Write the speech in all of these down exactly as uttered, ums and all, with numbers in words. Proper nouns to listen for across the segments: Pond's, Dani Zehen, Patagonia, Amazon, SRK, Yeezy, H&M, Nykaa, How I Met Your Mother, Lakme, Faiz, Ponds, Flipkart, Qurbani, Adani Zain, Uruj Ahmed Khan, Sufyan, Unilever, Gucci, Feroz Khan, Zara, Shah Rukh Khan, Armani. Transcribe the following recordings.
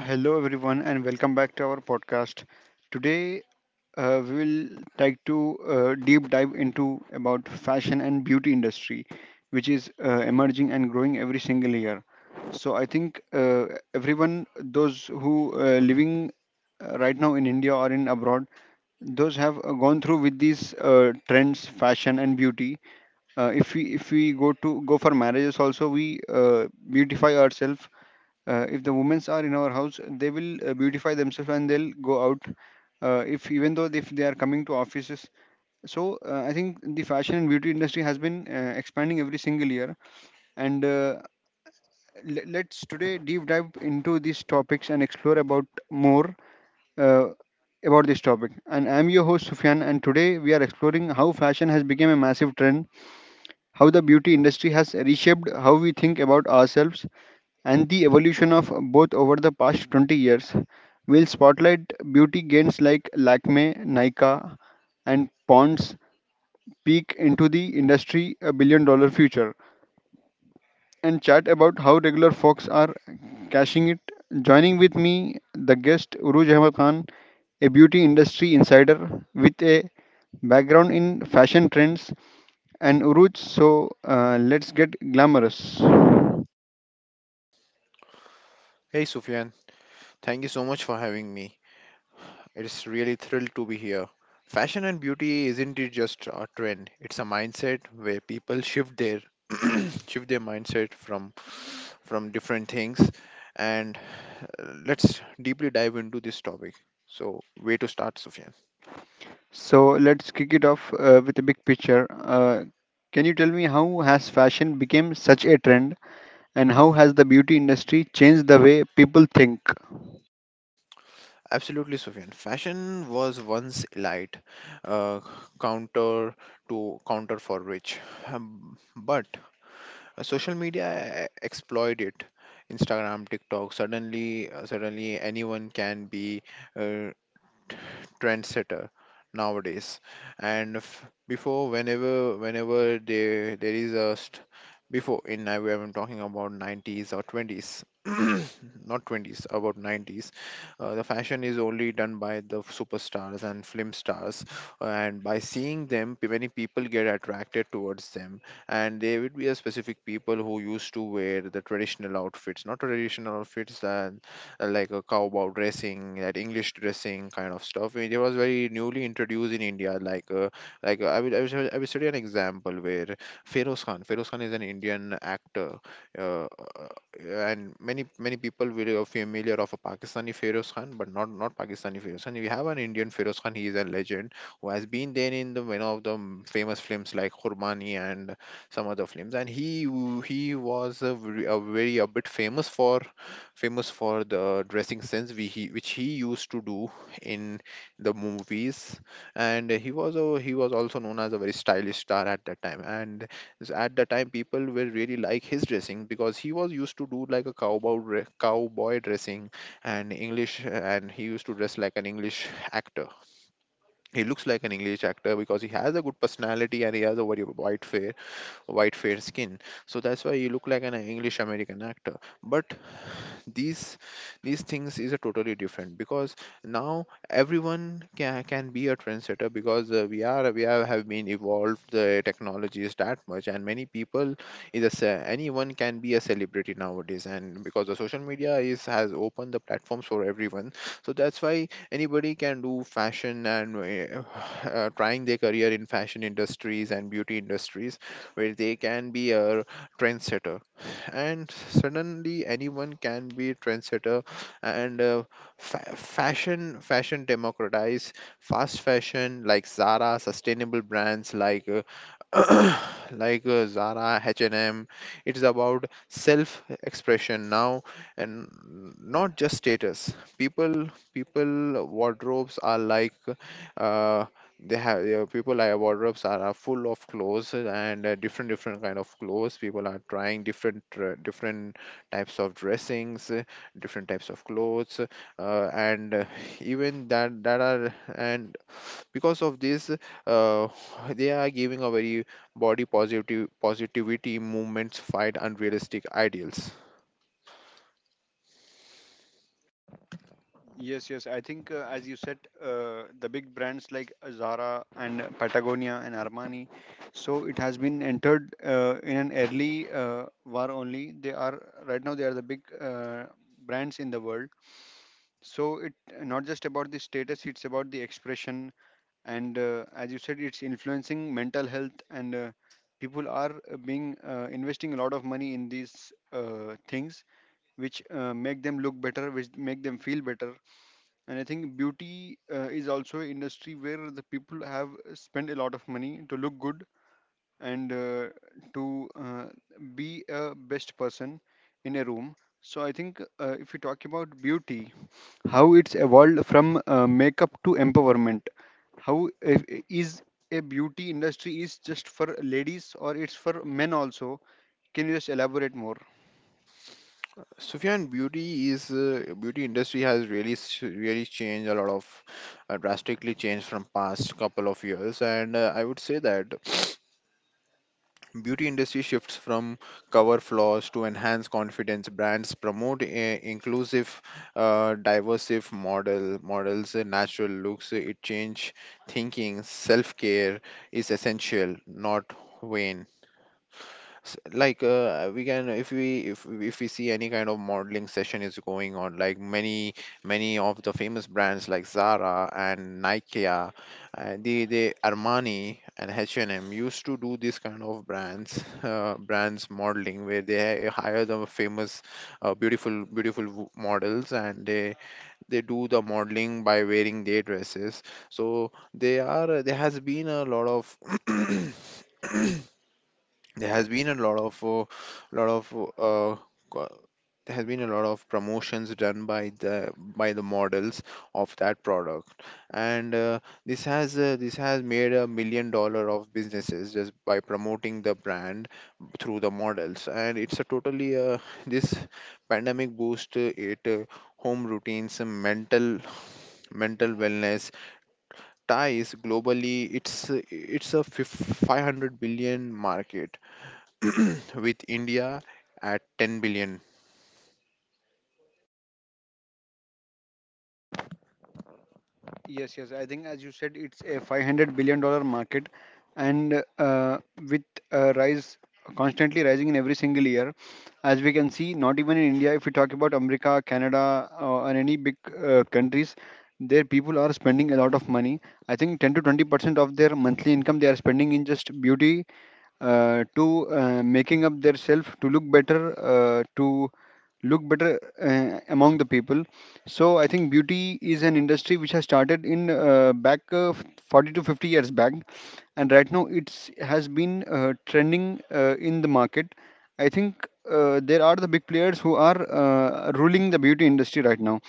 Hello, everyone, and welcome back to our podcast. Today, uh, we will like to uh, deep dive into about fashion and beauty industry, which is uh, emerging and growing every single year. So I think uh, everyone, those who uh, living uh, right now in India or in abroad, those have uh, gone through with these uh, trends, fashion and beauty. Uh, if we if we go to go for marriages also, we uh, beautify ourselves. Uh, if the women's are in our house, they will uh, beautify themselves and they'll go out. Uh, if even though if they are coming to offices, so uh, I think the fashion and beauty industry has been uh, expanding every single year. And uh, le- let's today deep dive into these topics and explore about more uh, about this topic. And I'm your host Sufyan, and today we are exploring how fashion has become a massive trend, how the beauty industry has reshaped how we think about ourselves, and the evolution of both over the past twenty years. Will spotlight beauty gains like Lakme, Nykaa, and Pond's, peak into the industry a billion dollar future, and chat about how regular folks are cashing it. Joining with me, the guest Uruj Ahmed Khan, a beauty industry insider with a background in fashion trends. And Uruj, so uh, let's get glamorous. Hey Sufyan, thank you so much for having me. It's really thrilled to be here. Fashion and beauty isn't it just a trend? It's a mindset where people shift their shift their mindset from from different things, and uh, let's deeply dive into this topic. So, way to start, Sufyan. So let's kick it off uh, with a big picture. Uh, can you tell me how has fashion become such a trend, and how has the beauty industry changed the way people think? Absolutely, Sufyan. Fashion was once elite, uh, counter to counter for rich. Um, but Uh, social media uh, exploit it. Instagram, TikTok. Suddenly uh, suddenly anyone can be uh, trendsetter nowadays. And f- before, whenever whenever there there is a st- before, in, I am talking about nineties or twenties not twenties, about nineties. Uh, the fashion is only done by the superstars and film stars, and by seeing them p- many people get attracted towards them. And there would be a specific people who used to wear the traditional outfits, not traditional outfits, uh, uh, like a cowboy dressing, that English dressing kind of stuff. It was very newly introduced in India. Like, uh, like uh, I will, I will, I will study an example where Feroz Khan. Feroz Khan. Is an Indian actor, uh, uh, and many many people will are familiar of a Pakistani Feroz Khan, but not not Pakistani Feroz Khan. We have an Indian Feroz Khan. He is a legend who has been there in the one of the m- famous films like Qurbani and some other films. And he w- he was, a, v- a very a bit famous for famous for the dressing sense, we, he, which he used to do in the movies. And he was a, he was also known as a very stylish star at that time. And s- at the time people were really like his dressing, because he was used to do like a cowboy dre- cowboy dressing, and English, and he used to dress like an English actor. He looks like an English actor, because he has a good personality and he has a very white fair white fair skin. So that's why he looked like an English American actor. But these these things is a totally different, because now everyone can, can be a trendsetter. Because uh, we are we are, have been evolved the technologies that much, and many people is a ce- anyone can be a celebrity nowadays. And because the social media is has opened the platforms for everyone, so that's why anybody can do fashion. And uh, uh, trying their career in fashion industries and beauty industries, where they can be a trendsetter. And suddenly anyone can be a trendsetter. And uh, fa- fashion fashion democratize, fast fashion like Zara, sustainable brands like uh, like uh, Zara, H&M. It is about self expression now, and not just status. People people wardrobes are like, uh, they have, yeah, people like wardrobes are, are full of clothes, uh, and uh, different different kind of clothes. People are trying different uh, different types of dressings, uh, different types of clothes, uh, and uh, even that that are, and because of this, uh, they are giving a very body positive positivity movements fight unrealistic ideals. Yes, yes. I think, uh, as you said, uh, the big brands like Zara and Patagonia and Armani, so it has been entered uh, in an early uh, war only. They are right now they are the big uh, brands in the world. So it not just about the status, it's about the expression. And uh, as you said, it's influencing mental health. And uh, people are uh, being uh, investing a lot of money in these uh, things, which uh, make them look better, which make them feel better. And I think beauty uh, is also an industry where the people have spent a lot of money to look good, and uh, to uh, be a best person in a room. So I think uh, if we talk about beauty, how it's evolved from uh, makeup to empowerment, how if, is a beauty industry is just for ladies or it's for men also, can you just elaborate more? Sufyan, beauty is uh, beauty industry has really s- really changed a lot of uh, drastically changed from past couple of years. And uh, I would say that beauty industry shifts from cover flaws to enhance confidence. Brands promote a inclusive, uh, diversive model models, uh, natural looks. uh, It change thinking. Self care is essential, not vain. S- like uh, we can, if we if if we see any kind of modeling session is going on, like many many of the famous brands like Zara and Nike, uh, the the Armani and H and M used to do this kind of brands uh, brands modeling, where they hire the famous uh, beautiful beautiful w- models. And they they do the modeling by wearing their dresses. So they are there has been a lot of there has been a lot of uh, lot of uh, co- there has been a lot of promotions done by the by the models of that product. And uh, this has uh, this has made a million dollar of businesses just by promoting the brand through the models. And it's a totally. Uh, this pandemic boost, uh, it, uh, home routines, uh, mental mental wellness ties globally. It's uh, it's a fif- five hundred billion market, with India at ten billion. Yes, yes. I think, as you said, it's a five hundred billion dollar market, and uh, with uh, rise constantly rising in every single year, as we can see, not even in India. If we talk about America, Canada, uh, and any big uh, countries, their people are spending a lot of money. I think ten to twenty percent of their monthly income they are spending in just beauty, uh, to uh, making up their self to look better, uh, to look better uh, among the people. So I think beauty is an industry which has started in uh, back uh, f- forty to fifty years back, and right now it's has been uh, trending uh, in the market, I think. Uh, there are the big players who are uh, ruling the beauty industry right now,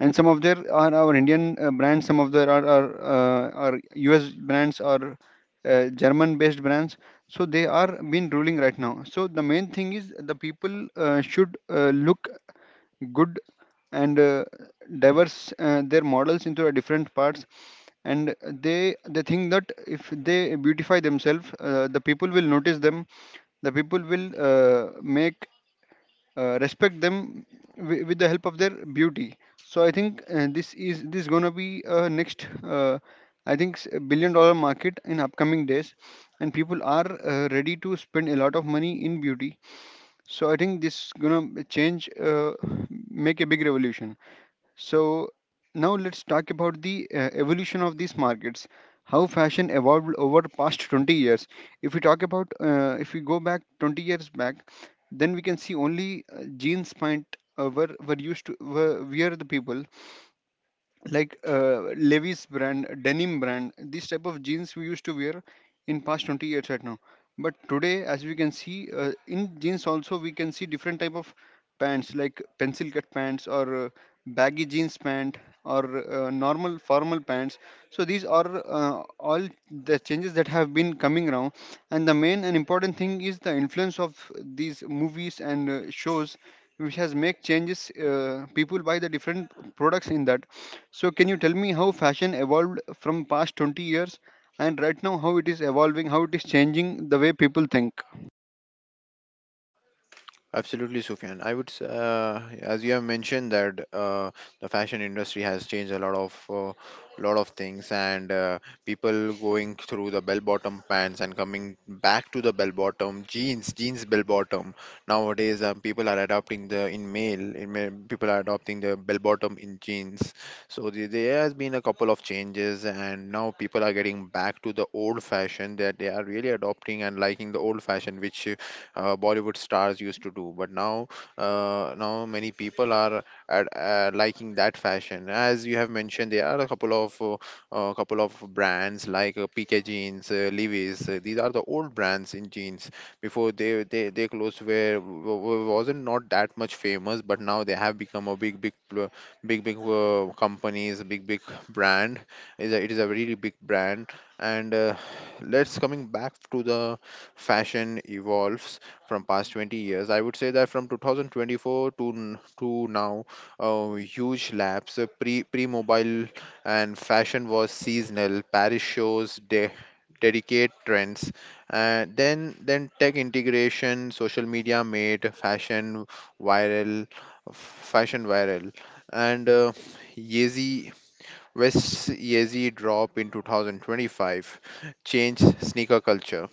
and some of there are our Indian uh, brands, some of there are are, uh, are U S brands or uh, German based brands. So they are been ruling right now. So the main thing is the people uh, should uh, look good. And uh, diverse uh, their models into a different parts. And they they think that if they beautify themselves, uh, the people will notice them, the people will uh, make uh, respect them w- with the help of their beauty. So I think uh, this is this gonna be uh, next. Uh, I think s- billion dollar market in upcoming days, and people are uh, ready to spend a lot of money in beauty. So I think this gonna change, uh, make a big revolution. So now let's talk about the uh, evolution of these markets. How fashion evolved over past twenty years. If we talk about, uh, if we go back twenty years back, then we can see only uh, jeans pant uh, were were used to were were the people like uh, Levi's brand, denim brand, these type of jeans we used to wear in past twenty years right now. But today, as we can see, uh, in jeans also we can see different type of pants like pencil cut pants or uh, baggy jeans pant or uh, normal formal pants. So these are uh, all the changes that have been coming around. And the main and important thing is the influence of these movies and uh, shows, which has make changes uh, people buy the different products in that. So can you tell me how fashion evolved from past twenty years, and right now how it is evolving, how it is changing the way people think? Absolutely, Sufyan. I would, s- uh, as you have mentioned, that uh, the fashion industry has changed a lot of, uh, lot of things. And uh, people going through the bell-bottom pants, and coming back to the bell-bottom jeans, jeans bell-bottom. Nowadays, um, people are adopting the in male, in male, people are adopting the bell-bottom in jeans. So the, there has been a couple of changes. And now people are getting back to the old fashion that they are really adopting and liking the old fashion, which uh, Bollywood stars used to do. But now, uh, now many people are at, uh, liking that fashion. As you have mentioned, there are a couple of uh, uh, couple of brands like uh, P K jeans, uh, Levi's. Uh, these are the old brands in jeans. Before they they they clothes were w- w- wasn't not that much famous, but now they have become a big big pl- big big uh, companies, big, big brand. Is a, it is a really big brand. And uh, let's coming back to the fashion evolves from past twenty years. I would say that from two thousand twenty-four to n- to now, a huge lapse. Uh, pre pre mobile, and fashion was seasonal, Paris shows de- dedicate trends. uh, then then tech integration, social media made fashion viral fashion viral. And uh, Yeezy, West Yeezy drop in twenty twenty-five changed sneaker culture.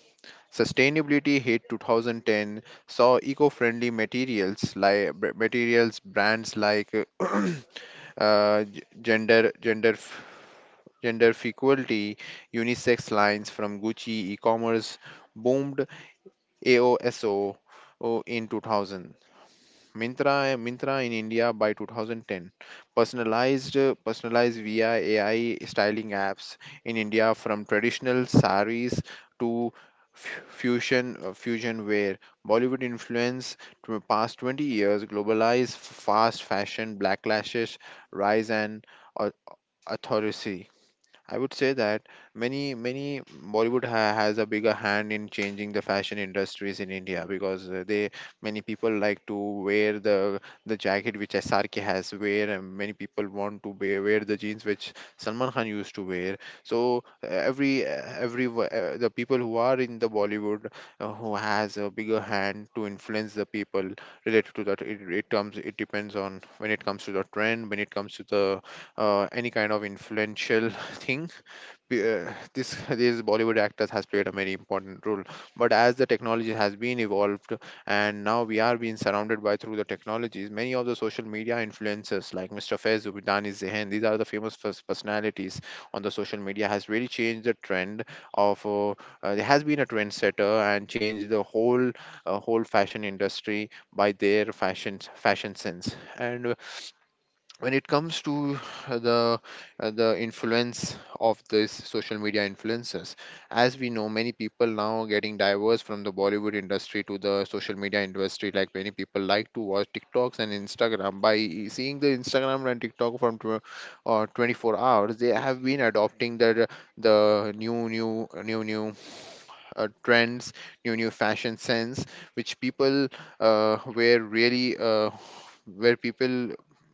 Sustainability hit two thousand ten, saw eco-friendly materials, like materials brands like uh, uh, g- gender gender f- gender equality, unisex lines from Gucci. E-commerce boomed AOSO in two thousand. Mintra, Mintra in India by twenty ten. Personalized, personalized via A I styling apps in India, from traditional saris to f- fusion uh, fusion wear. Bollywood influence to past twenty years, globalized fast fashion, blacklashes rise and au- authority. I would say that many many Bollywood ha- has a bigger hand in changing the fashion industries in India, because uh, they many people like to wear the the jacket which S R K has wear, and many people want to wear, wear the jeans which Salman Khan used to wear. So uh, every uh, every wo- uh, the people who are in the Bollywood, uh, who has a bigger hand to influence the people related to that. It, it comes, it depends on, when it comes to the trend, when it comes to the uh, any kind of influential thing. Be- uh, this these Bollywood actors has played a very important role. But as the technology has been evolved, and now we are being surrounded by through the technologies, many of the social media influencers like Mr. Faiz, Dani Zehen, these are the famous pers- personalities on the social media has really changed the trend of, uh, uh, there has been a trendsetter and changed the whole uh, whole fashion industry by their fashion fashion sense. And when it comes to uh, the uh, the influence of this social media influencers, as we know many people now getting diverse from the Bollywood industry to the social media industry. Like many people like to watch TikToks and Instagram, by seeing the Instagram and TikTok from tw- uh, twenty-four hours. They have been adopting the the new new new new uh, trends, new new fashion sense which people uh, were really, uh, where people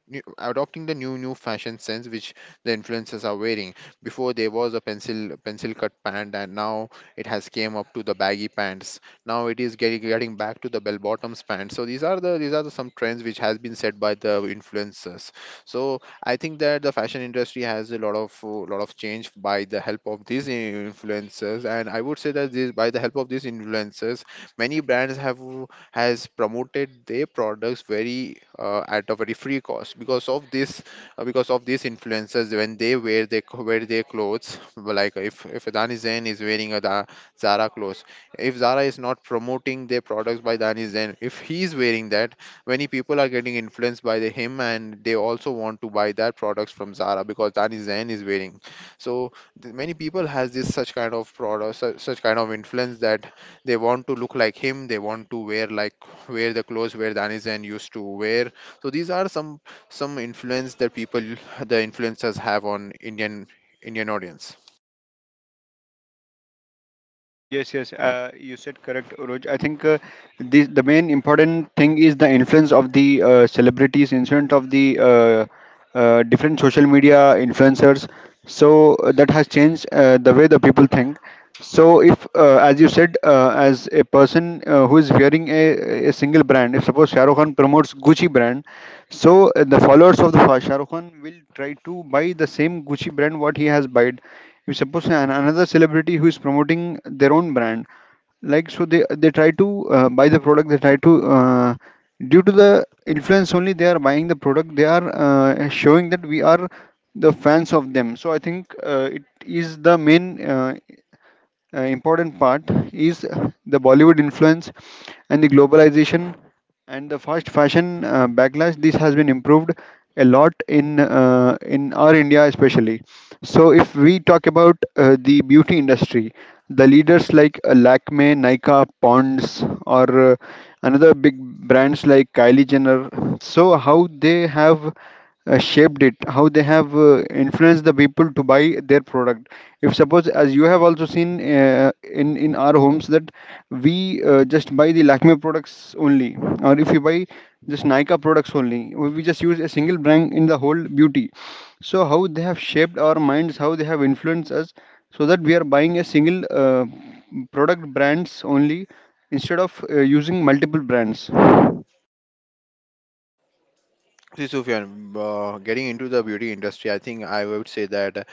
new- adopting the new new fashion sense which the influencers are wearing. Before there was a pencil pencil cut pant, and now it has came up to the baggy pants. Now it is getting getting back to the bell bottoms pants. So these are the these are the some trends which has been set by the influencers. So I think that the fashion industry has a lot of uh, lot of change, by the help of these influencers. And I would say that this, by the help of these influencers, many brands have has promoted their products very, uh, at a very free cost. Because of this, uh, because of these influencers, when they wear their co- wear their clothes, like if if Adani Zain is wearing a Da- Zara clothes. If Zara is not promoting their products by Adani Zain, if he is wearing that, many people are getting influenced by the him. And they also want to buy that products from Zara, because Adani Zain is wearing. So th- many people has this such kind of product, such, such kind of influence, that they want to look like him. They want to wear like wear the clothes where Danizen used to wear. So these are some some influence that people, the influencers, have on indian indian audience. Yes, yes, uh, you said correct, Roj. I think uh, this, the main important thing is the influence of the uh, celebrities, influence of the uh, uh, different social media influencers. So uh, that has changed uh, the way the people think. So if, uh, as you said, uh, as a person uh, who is wearing a, a single brand, if suppose Shah Rukh Khan promotes Gucci brand, so uh, the followers of the Shah Rukh Khan will try to buy the same Gucci brand what he has bought. You suppose an, another celebrity who is promoting their own brand, like so they they try to uh, buy the product, they try to uh, due to the influence only they are buying the product, they are uh, showing that we are the fans of them. So I think uh, it is the main uh, uh, important part is the Bollywood influence and the globalization and the fast fashion uh, backlash. This has been improved a lot in uh, in our India, especially. So, if we talk about uh, the beauty industry, the leaders like uh, Lakme, Nykaa, Pond's, or uh, another big brands like Kylie Jenner. So, how they have uh, shaped it, how they have uh, influenced the people to buy their product, if suppose as you have also seen uh, in in our homes that we uh, just buy the Lakme products only, or if you buy just Nika products only, we we just use a single brand in the whole beauty. So how they have shaped our minds, how they have influenced us, so that we are buying a single uh, product brands only, instead of uh, using multiple brands. See, Sufyan, uh, getting into the beauty industry, I think I would say that uh,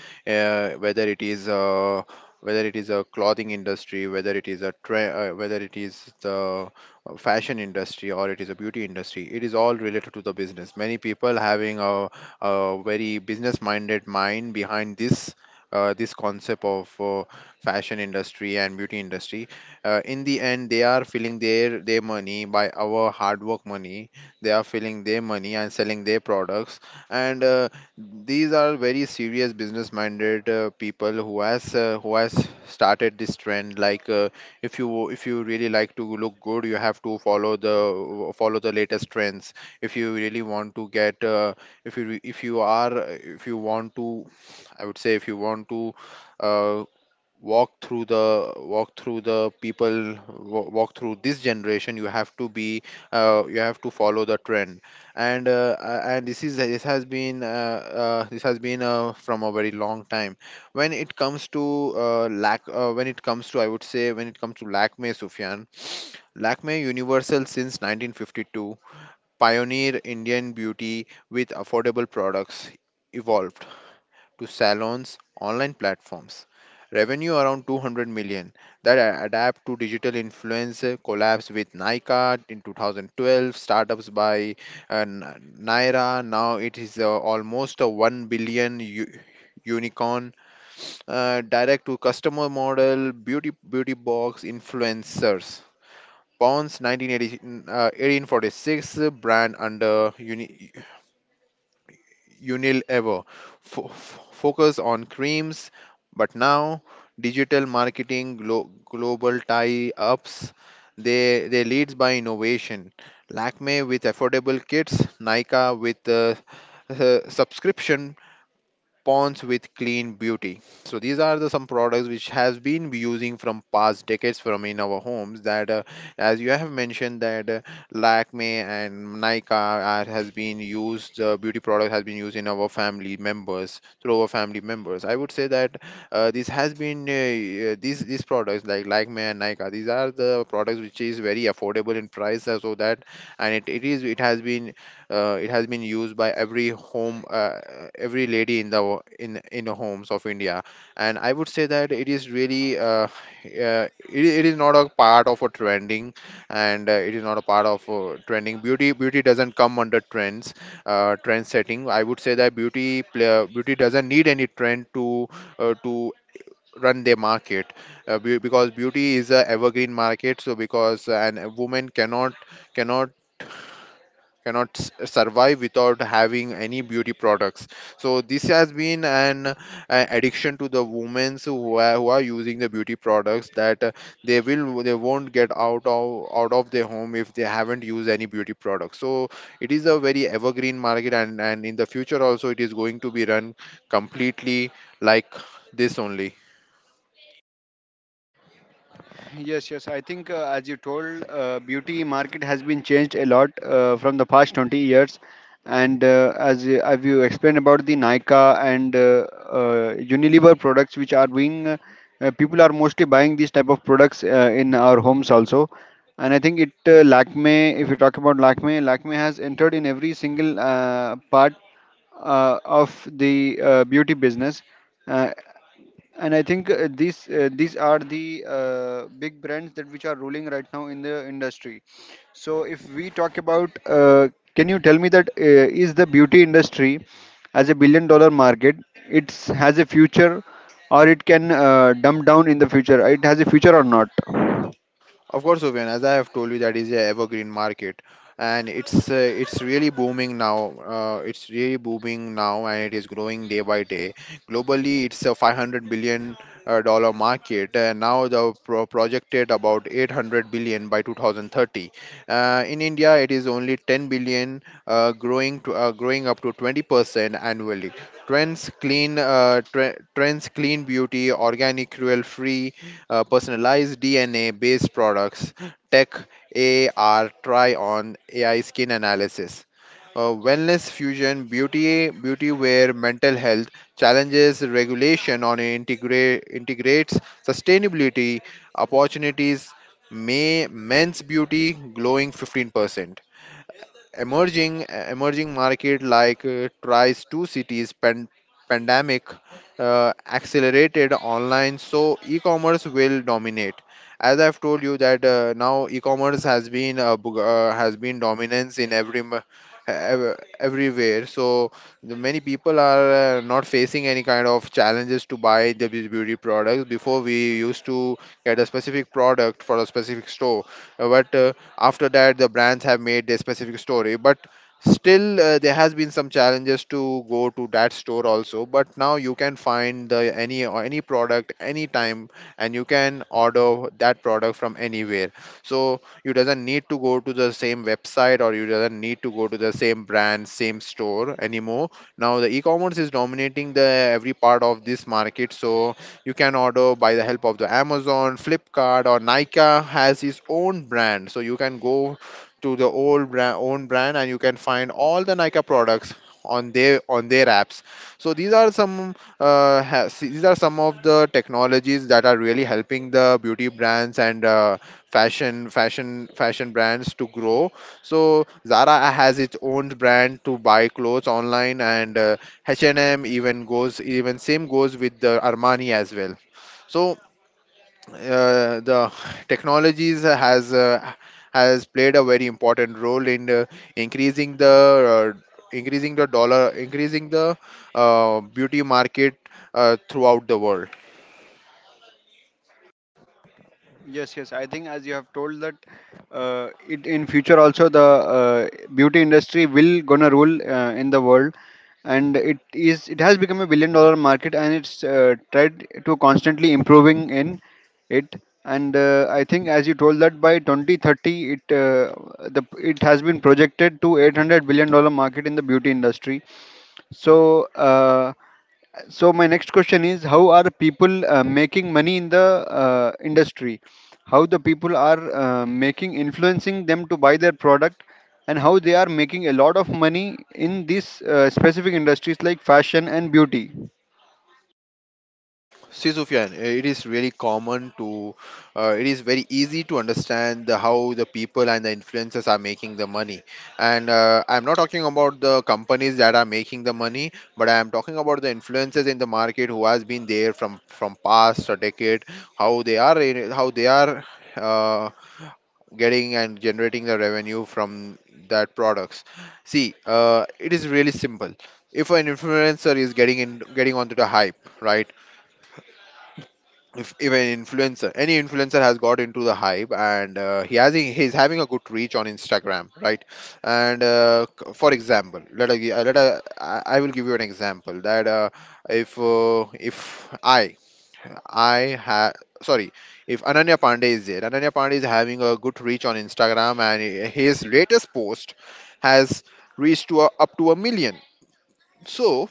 whether it is uh, whether it is a clothing industry, whether it is a tra- uh, whether it is the uh, fashion industry or it is a beauty industry, it is all related to the business. Many people having a, a very business-minded mind behind this. Uh, this concept of uh, fashion industry and beauty industry, uh, in the end they are filling their their money by our hard work money. They are filling their money and selling their products, and uh, these are very serious business minded uh, people who has uh, who has started this trend. Like uh, if you if you really like to look good, you have to follow the follow the latest trends. If you really want to get uh, if you if you are if you want to, i would say if you want to uh, walk through the walk through the people wa- walk through this generation, you have to be uh, you have to follow the trend. And uh, a- and this is this has been uh, uh, this has been uh, from a very long time. When it comes to uh, lack uh, when it comes to, I would say, when it comes to Lakme, Sufyan, Lakme universal since nineteen fifty-two, pioneer Indian beauty with affordable products, evolve to salons, online platforms. Revenue around two hundred million. That a- adapt to digital influencer collabs with Nykaa in two thousand twelve, startups by uh, N- Naira. Now it is uh, almost a one billion u- unicorn. Uh, direct to customer model, beauty beauty box influencers. Ponds nineteen eighty, uh, eighteen forty-six brand under uni, Unil ever. Fo- f- focus on creams, but now digital marketing, glo- global tie-ups, they they leads by innovation. Lakme with affordable kits, Nika with uh, uh, subscription, Pawns with Clean Beauty. So these are the some products which has been we using from past decades from in our homes. That uh, as you have mentioned that uh, Lakme and Nykaa are, has been used, uh, beauty product has been used in our family members through our family members. I would say that uh, this has been uh, uh, these these products like Lakme and Nykaa, these are the products which is very affordable in price, uh, so that, and it, it is, it has been uh, it has been used by every home, uh, every lady in the wo- in in the homes of India, and I would say that it is really uh, uh, it, it is not a part of a trending, and uh, it is not a part of uh, trending. Beauty beauty doesn't come under trends, uh, trend setting. I would say that beauty pla- beauty doesn't need any trend to uh, to run their market, uh, be- because beauty is a evergreen market. So because an a woman cannot cannot cannot s- survive without having any beauty products. So this has been an uh, addiction to the women who are, who are using the beauty products, that uh, they will they won't get out of out of their home if they haven't used any beauty products. So it is a very evergreen market, and and in the future also it is going to be run completely like this only. Yes, yes. I think, uh, as you told, uh, beauty market has been changed a lot uh, from the past twenty years. And uh, as you- as you explained about the Nika and uh, uh, Unilever products, which are being uh, uh, people are mostly buying these type of products uh, in our homes also. And I think it uh, Lakme, if you talk about Lakme, Lakme has entered in every single uh, part uh, of the uh, beauty business. Uh, and I think uh, these uh, these are the uh, big brands that which are ruling right now in the industry. So if we talk about, uh, can you tell me that uh, is the beauty industry as a billion dollar market, it has a future, or it can uh, dumb down in the future, it has a future or not? Of course, Suvyan, as I have told you, that is a evergreen market, and it's uh, it's really booming now. Uh, it's really booming now, and it is growing day by day. Globally, it's a five hundred billion uh, dollar market, and now the pro- projected about eight hundred billion by two thousand thirty. Uh, in India, it is only ten billion, uh, growing to uh, growing up to twenty percent annually. Trends clean, uh, tre- trends clean beauty, organic, cruel free, uh, personalized D N A based products, tech, A R, try on, A I skin analysis. Uh, wellness fusion, beauty, beauty wear, mental health challenges, regulation on integrate integrates sustainability opportunities. May men's beauty glowing fifteen percent, emerging emerging market like uh, tries two cities pan- pandemic, uh, accelerated online, so e-commerce will dominate. As I've told you that uh, now e-commerce has been uh, bug- uh, has been dominance in every m- ev- everywhere. So the many people are uh, not facing any kind of challenges to buy the beau- beauty products. Before we used to get a specific product for a specific store. Uh, but uh, after that the brands have made their specific story, but still uh, there has been some challenges to go to that store also, but now you can find the any or any product anytime, and you can order that product from anywhere. So you doesn't need to go to the same website, or you doesn't need to go to the same brand, same store, anymore. Now the e-commerce is dominating the every part of this market. So you can order by the help of the Amazon, Flipkart, or Nika has his own brand. So you can go to the old brand, own brand, and you can find all the Nika products on their on their apps. So these are some uh, ha- see, these are some of the technologies that are really helping the beauty brands, and uh, fashion fashion fashion brands to grow. So Zara has its own brand to buy clothes online, and uh, H and M, even goes, even same goes with the Armani as well. So uh, the technologies has uh, has played a very important role in uh, increasing the uh, increasing the dollar increasing the uh, beauty market uh, throughout the world. Yes, yes. I think as you have told that uh, it in future also the uh, beauty industry will gonna rule uh, in the world, and it is it has become a billion dollar market, and it's uh, tried to constantly improving in it. And uh, I think as you told that by twenty thirty, it uh, the it has been projected to eight hundred billion dollar market in the beauty industry. So. Uh, so my next question is, how are people uh, making money in the uh, industry? How the people are uh, making, influencing them to buy their product, and how they are making a lot of money in these uh, specific industries like fashion and beauty. See, Sufyan, eh, it is really common to, uh, it is very easy to understand the, how the people and the influencers are making the money. And uh, I'm not talking about the companies that are making the money, but I am talking about the influencers in the market who has been there from from past a decade, how they are in- how they are uh, getting and generating the revenue from that products. See, uh, it is really simple. If an influencer is getting in getting onto the hype, right? if, if an influencer, any influencer, has got into the hype, and uh, he has he's having a good reach on Instagram, right? And uh, c- for example, let I, gi- uh, let I, I I will give you an example that uh, if uh, if I I ha sorry if Ananya Pandey is there, Ananya Pandey is having a good reach on Instagram, and his latest post has reached to a, up to a million. So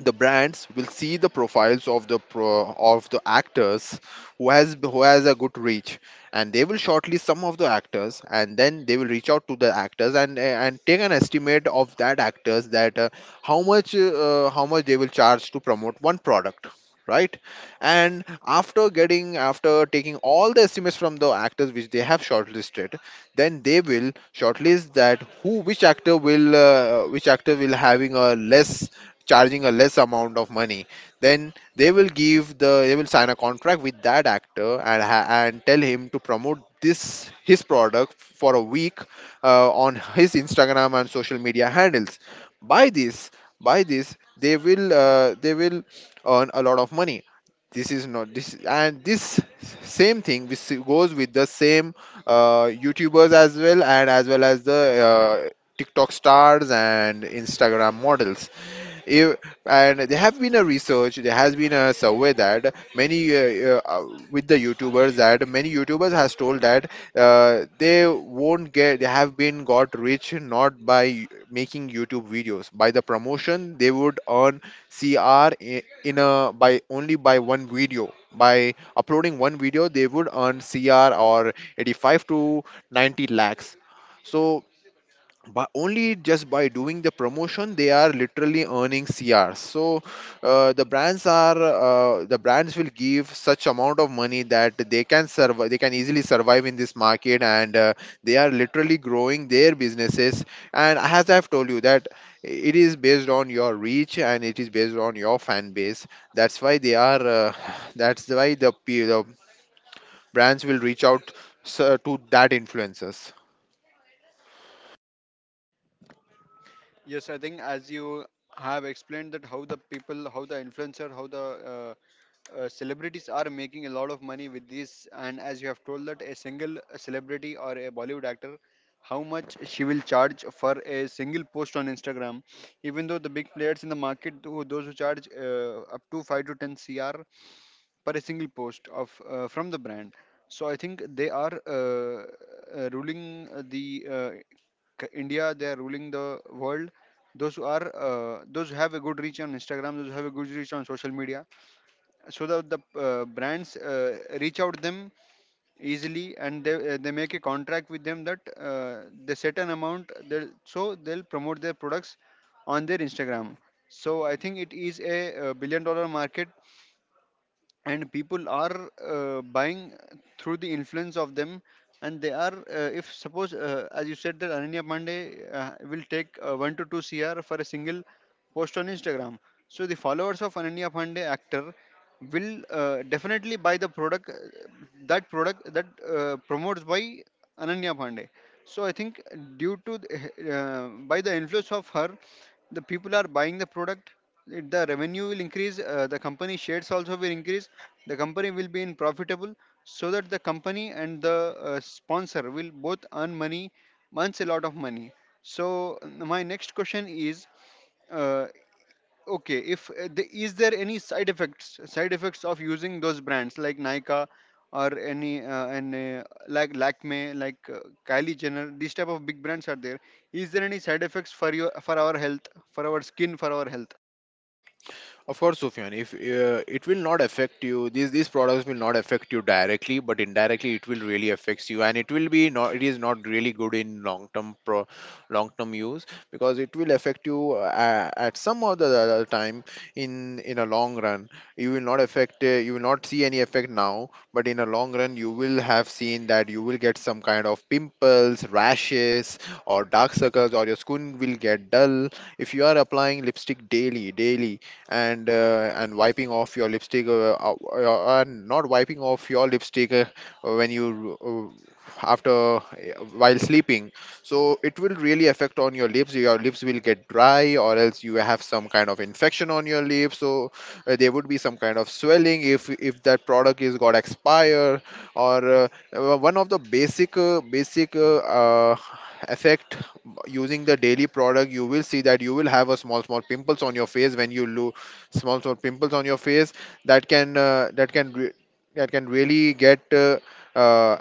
the brands will see the profiles of the pro, of the actors who has who has a good reach, and they will shortlist some of the actors, and then they will reach out to the actors, and and take an estimate of that actors that uh, how much uh, how much they will charge to promote one product, right? And after getting, after taking all the estimates from the actors which they have shortlisted, then they will shortlist that who, which actor will uh, which actor will having a less, charging a less amount of money. Then they will give the they will sign a contract with that actor, and ha- and tell him to promote this his product for a week, uh, on his Instagram and social media handles. By this, by this they will uh, they will earn a lot of money. This is not this and this Same thing, this goes with the same uh, YouTubers as well, and as well as the uh, TikTok stars and Instagram models. If, and there have been a research, there has been a survey that many uh, uh, uh, with the YouTubers, that many YouTubers has told that uh, they won't get, they have been got rich not by making YouTube videos. By the promotion, they would earn C R in a, by only by one video. By uploading one video, they would earn C R or eighty-five to ninety lakhs. So but only just by doing the promotion they are literally earning crs. So uh, the brands are uh, the brands will give such amount of money that they can survive, they can easily survive in this market, and uh, they are literally growing their businesses. And as I've told you that it is based on your reach, and it is based on your fan base. That's why they are uh, that's why the, pe- the brands will reach out uh, to that influencers. Yes, I think as you have explained that how the people, how the influencer, how the uh, celebrities are making a lot of money with this, and as you have told that a single celebrity or a Bollywood actor, how much she will charge for a single post on Instagram. Even though the big players in the market who those who charge uh, up to five to ten cr per a single post of uh, from the brand. So I think they are uh, uh, ruling uh, the uh, c- India, they are ruling the world, those who are uh, those who have a good reach on Instagram, those who have a good reach on social media, so that the uh, brands uh, reach out them easily, and they, uh, they make a contract with them that uh, they set an amount, they'll, so they'll promote their products on their Instagram. So I think it is a, uh billion dollar market, and people are uh, buying through the influence of them. And they are uh, if suppose uh, as you said that Ananya Pandey uh, will take uh, one to two cr for a single post on Instagram. So the followers of Ananya Pandey actor will uh, definitely buy the product, uh, that product that uh, promotes by Ananya Pandey. So I think due to the, uh, by the influence of her, the people are buying the product. It- The revenue will increase, uh, the company shares also will increase, the company will be in profitable. So that the company and the uh, sponsor will both earn money, earns a lot of money. So n- my next question is, uh, okay, if uh, the, is there any side effects side effects of using those brands like Nykaa, or any uh, and uh, like Lakme, like uh, Kylie Jenner, these type of big brands are there, is there any side effects for your for our health for our skin for our health? Of course, Sufyan, if uh, it will not affect you, these these products will not affect you directly, but indirectly it will really affects you, and it will be not, it is not really good in long term pro long term use, because it will affect you uh, at some or the other time in in a long run. You will not affect, uh, you will not see any effect now, but in a long run you will have seen that you will get some kind of pimples, rashes, or dark circles, or your skin will get dull if you are applying lipstick daily daily, and uh, and wiping off your lipstick uh, uh, uh, and not wiping off your lipstick, uh, when you uh, after uh, while sleeping. So it will really affect on your lips, your lips will get dry, or else you have some kind of infection on your lips. So uh, there would be some kind of swelling if if that product is got expire, or uh, uh, one of the basic uh, basic uh, uh, effect, using the daily product, you will see that you will have a small small pimples on your face when you lo small small pimples on your face, that can uh, that can re- that can really get uh, uh,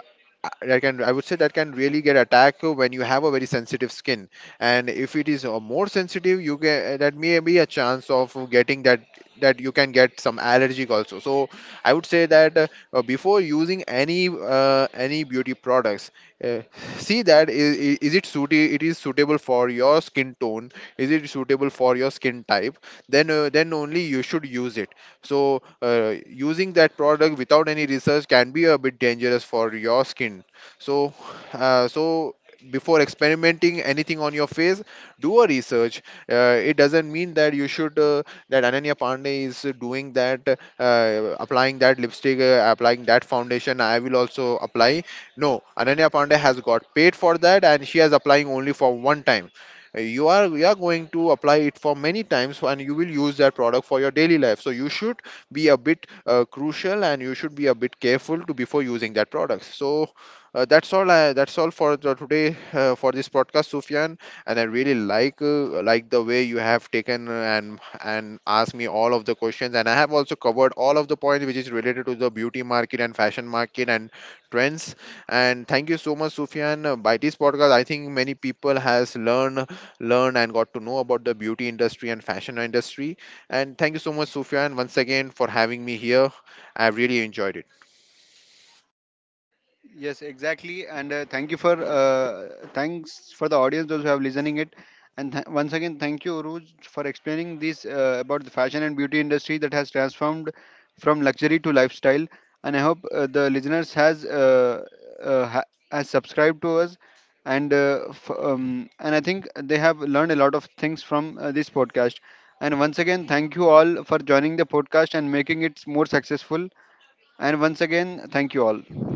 that can I would say that can really get attacked when you have a very sensitive skin. And if it is uh, more sensitive, you can uh, that may be a chance of getting that, that you can get some allergic also. So I would say that uh, uh, before using any uh, any beauty products, uh, see that, is is it suited it is suitable for your skin tone, is it suitable for your skin type, then uh, then only you should use it. So uh, using that product without any research can be a bit dangerous for your skin. So uh, so before experimenting anything on your face, do a research. Uh, it doesn't mean that you should uh, that Ananya Pandey is doing that, uh, applying that lipstick, uh, applying that foundation, I will also apply. No, Ananya Pandey has got paid for that, and she has applying only for one time. Uh, you are, you are going to apply it for many times, and you will use that product for your daily life, so you should be a bit uh, crucial, and you should be a bit careful to before using that product. So uh, that's all I, that's all for the today, uh, for this podcast, Sufyan. And I really like uh, like the way you have taken uh, and and asked me all of the questions, and I have also covered all of the points which is related to the beauty market and fashion market and trends. And thank you so much, Sufyan. Uh, by this podcast, I think many people has learned learned and got to know about the beauty industry and fashion industry. And thank you so much, Sufyan, once again for having me here. I've really enjoyed it. Yes, exactly. And uh, thank you for uh, thanks for the audience those who have listening it. And th- once again, thank you, Uruj, for explaining this uh, about the fashion and beauty industry that has transformed from luxury to lifestyle. And I hope uh, the listeners has uh, uh, ha- has subscribed to us, and uh, f- um, and I think they have learned a lot of things from uh, this podcast. And once again, thank you all for joining the podcast and making it more successful. And once again, thank you all.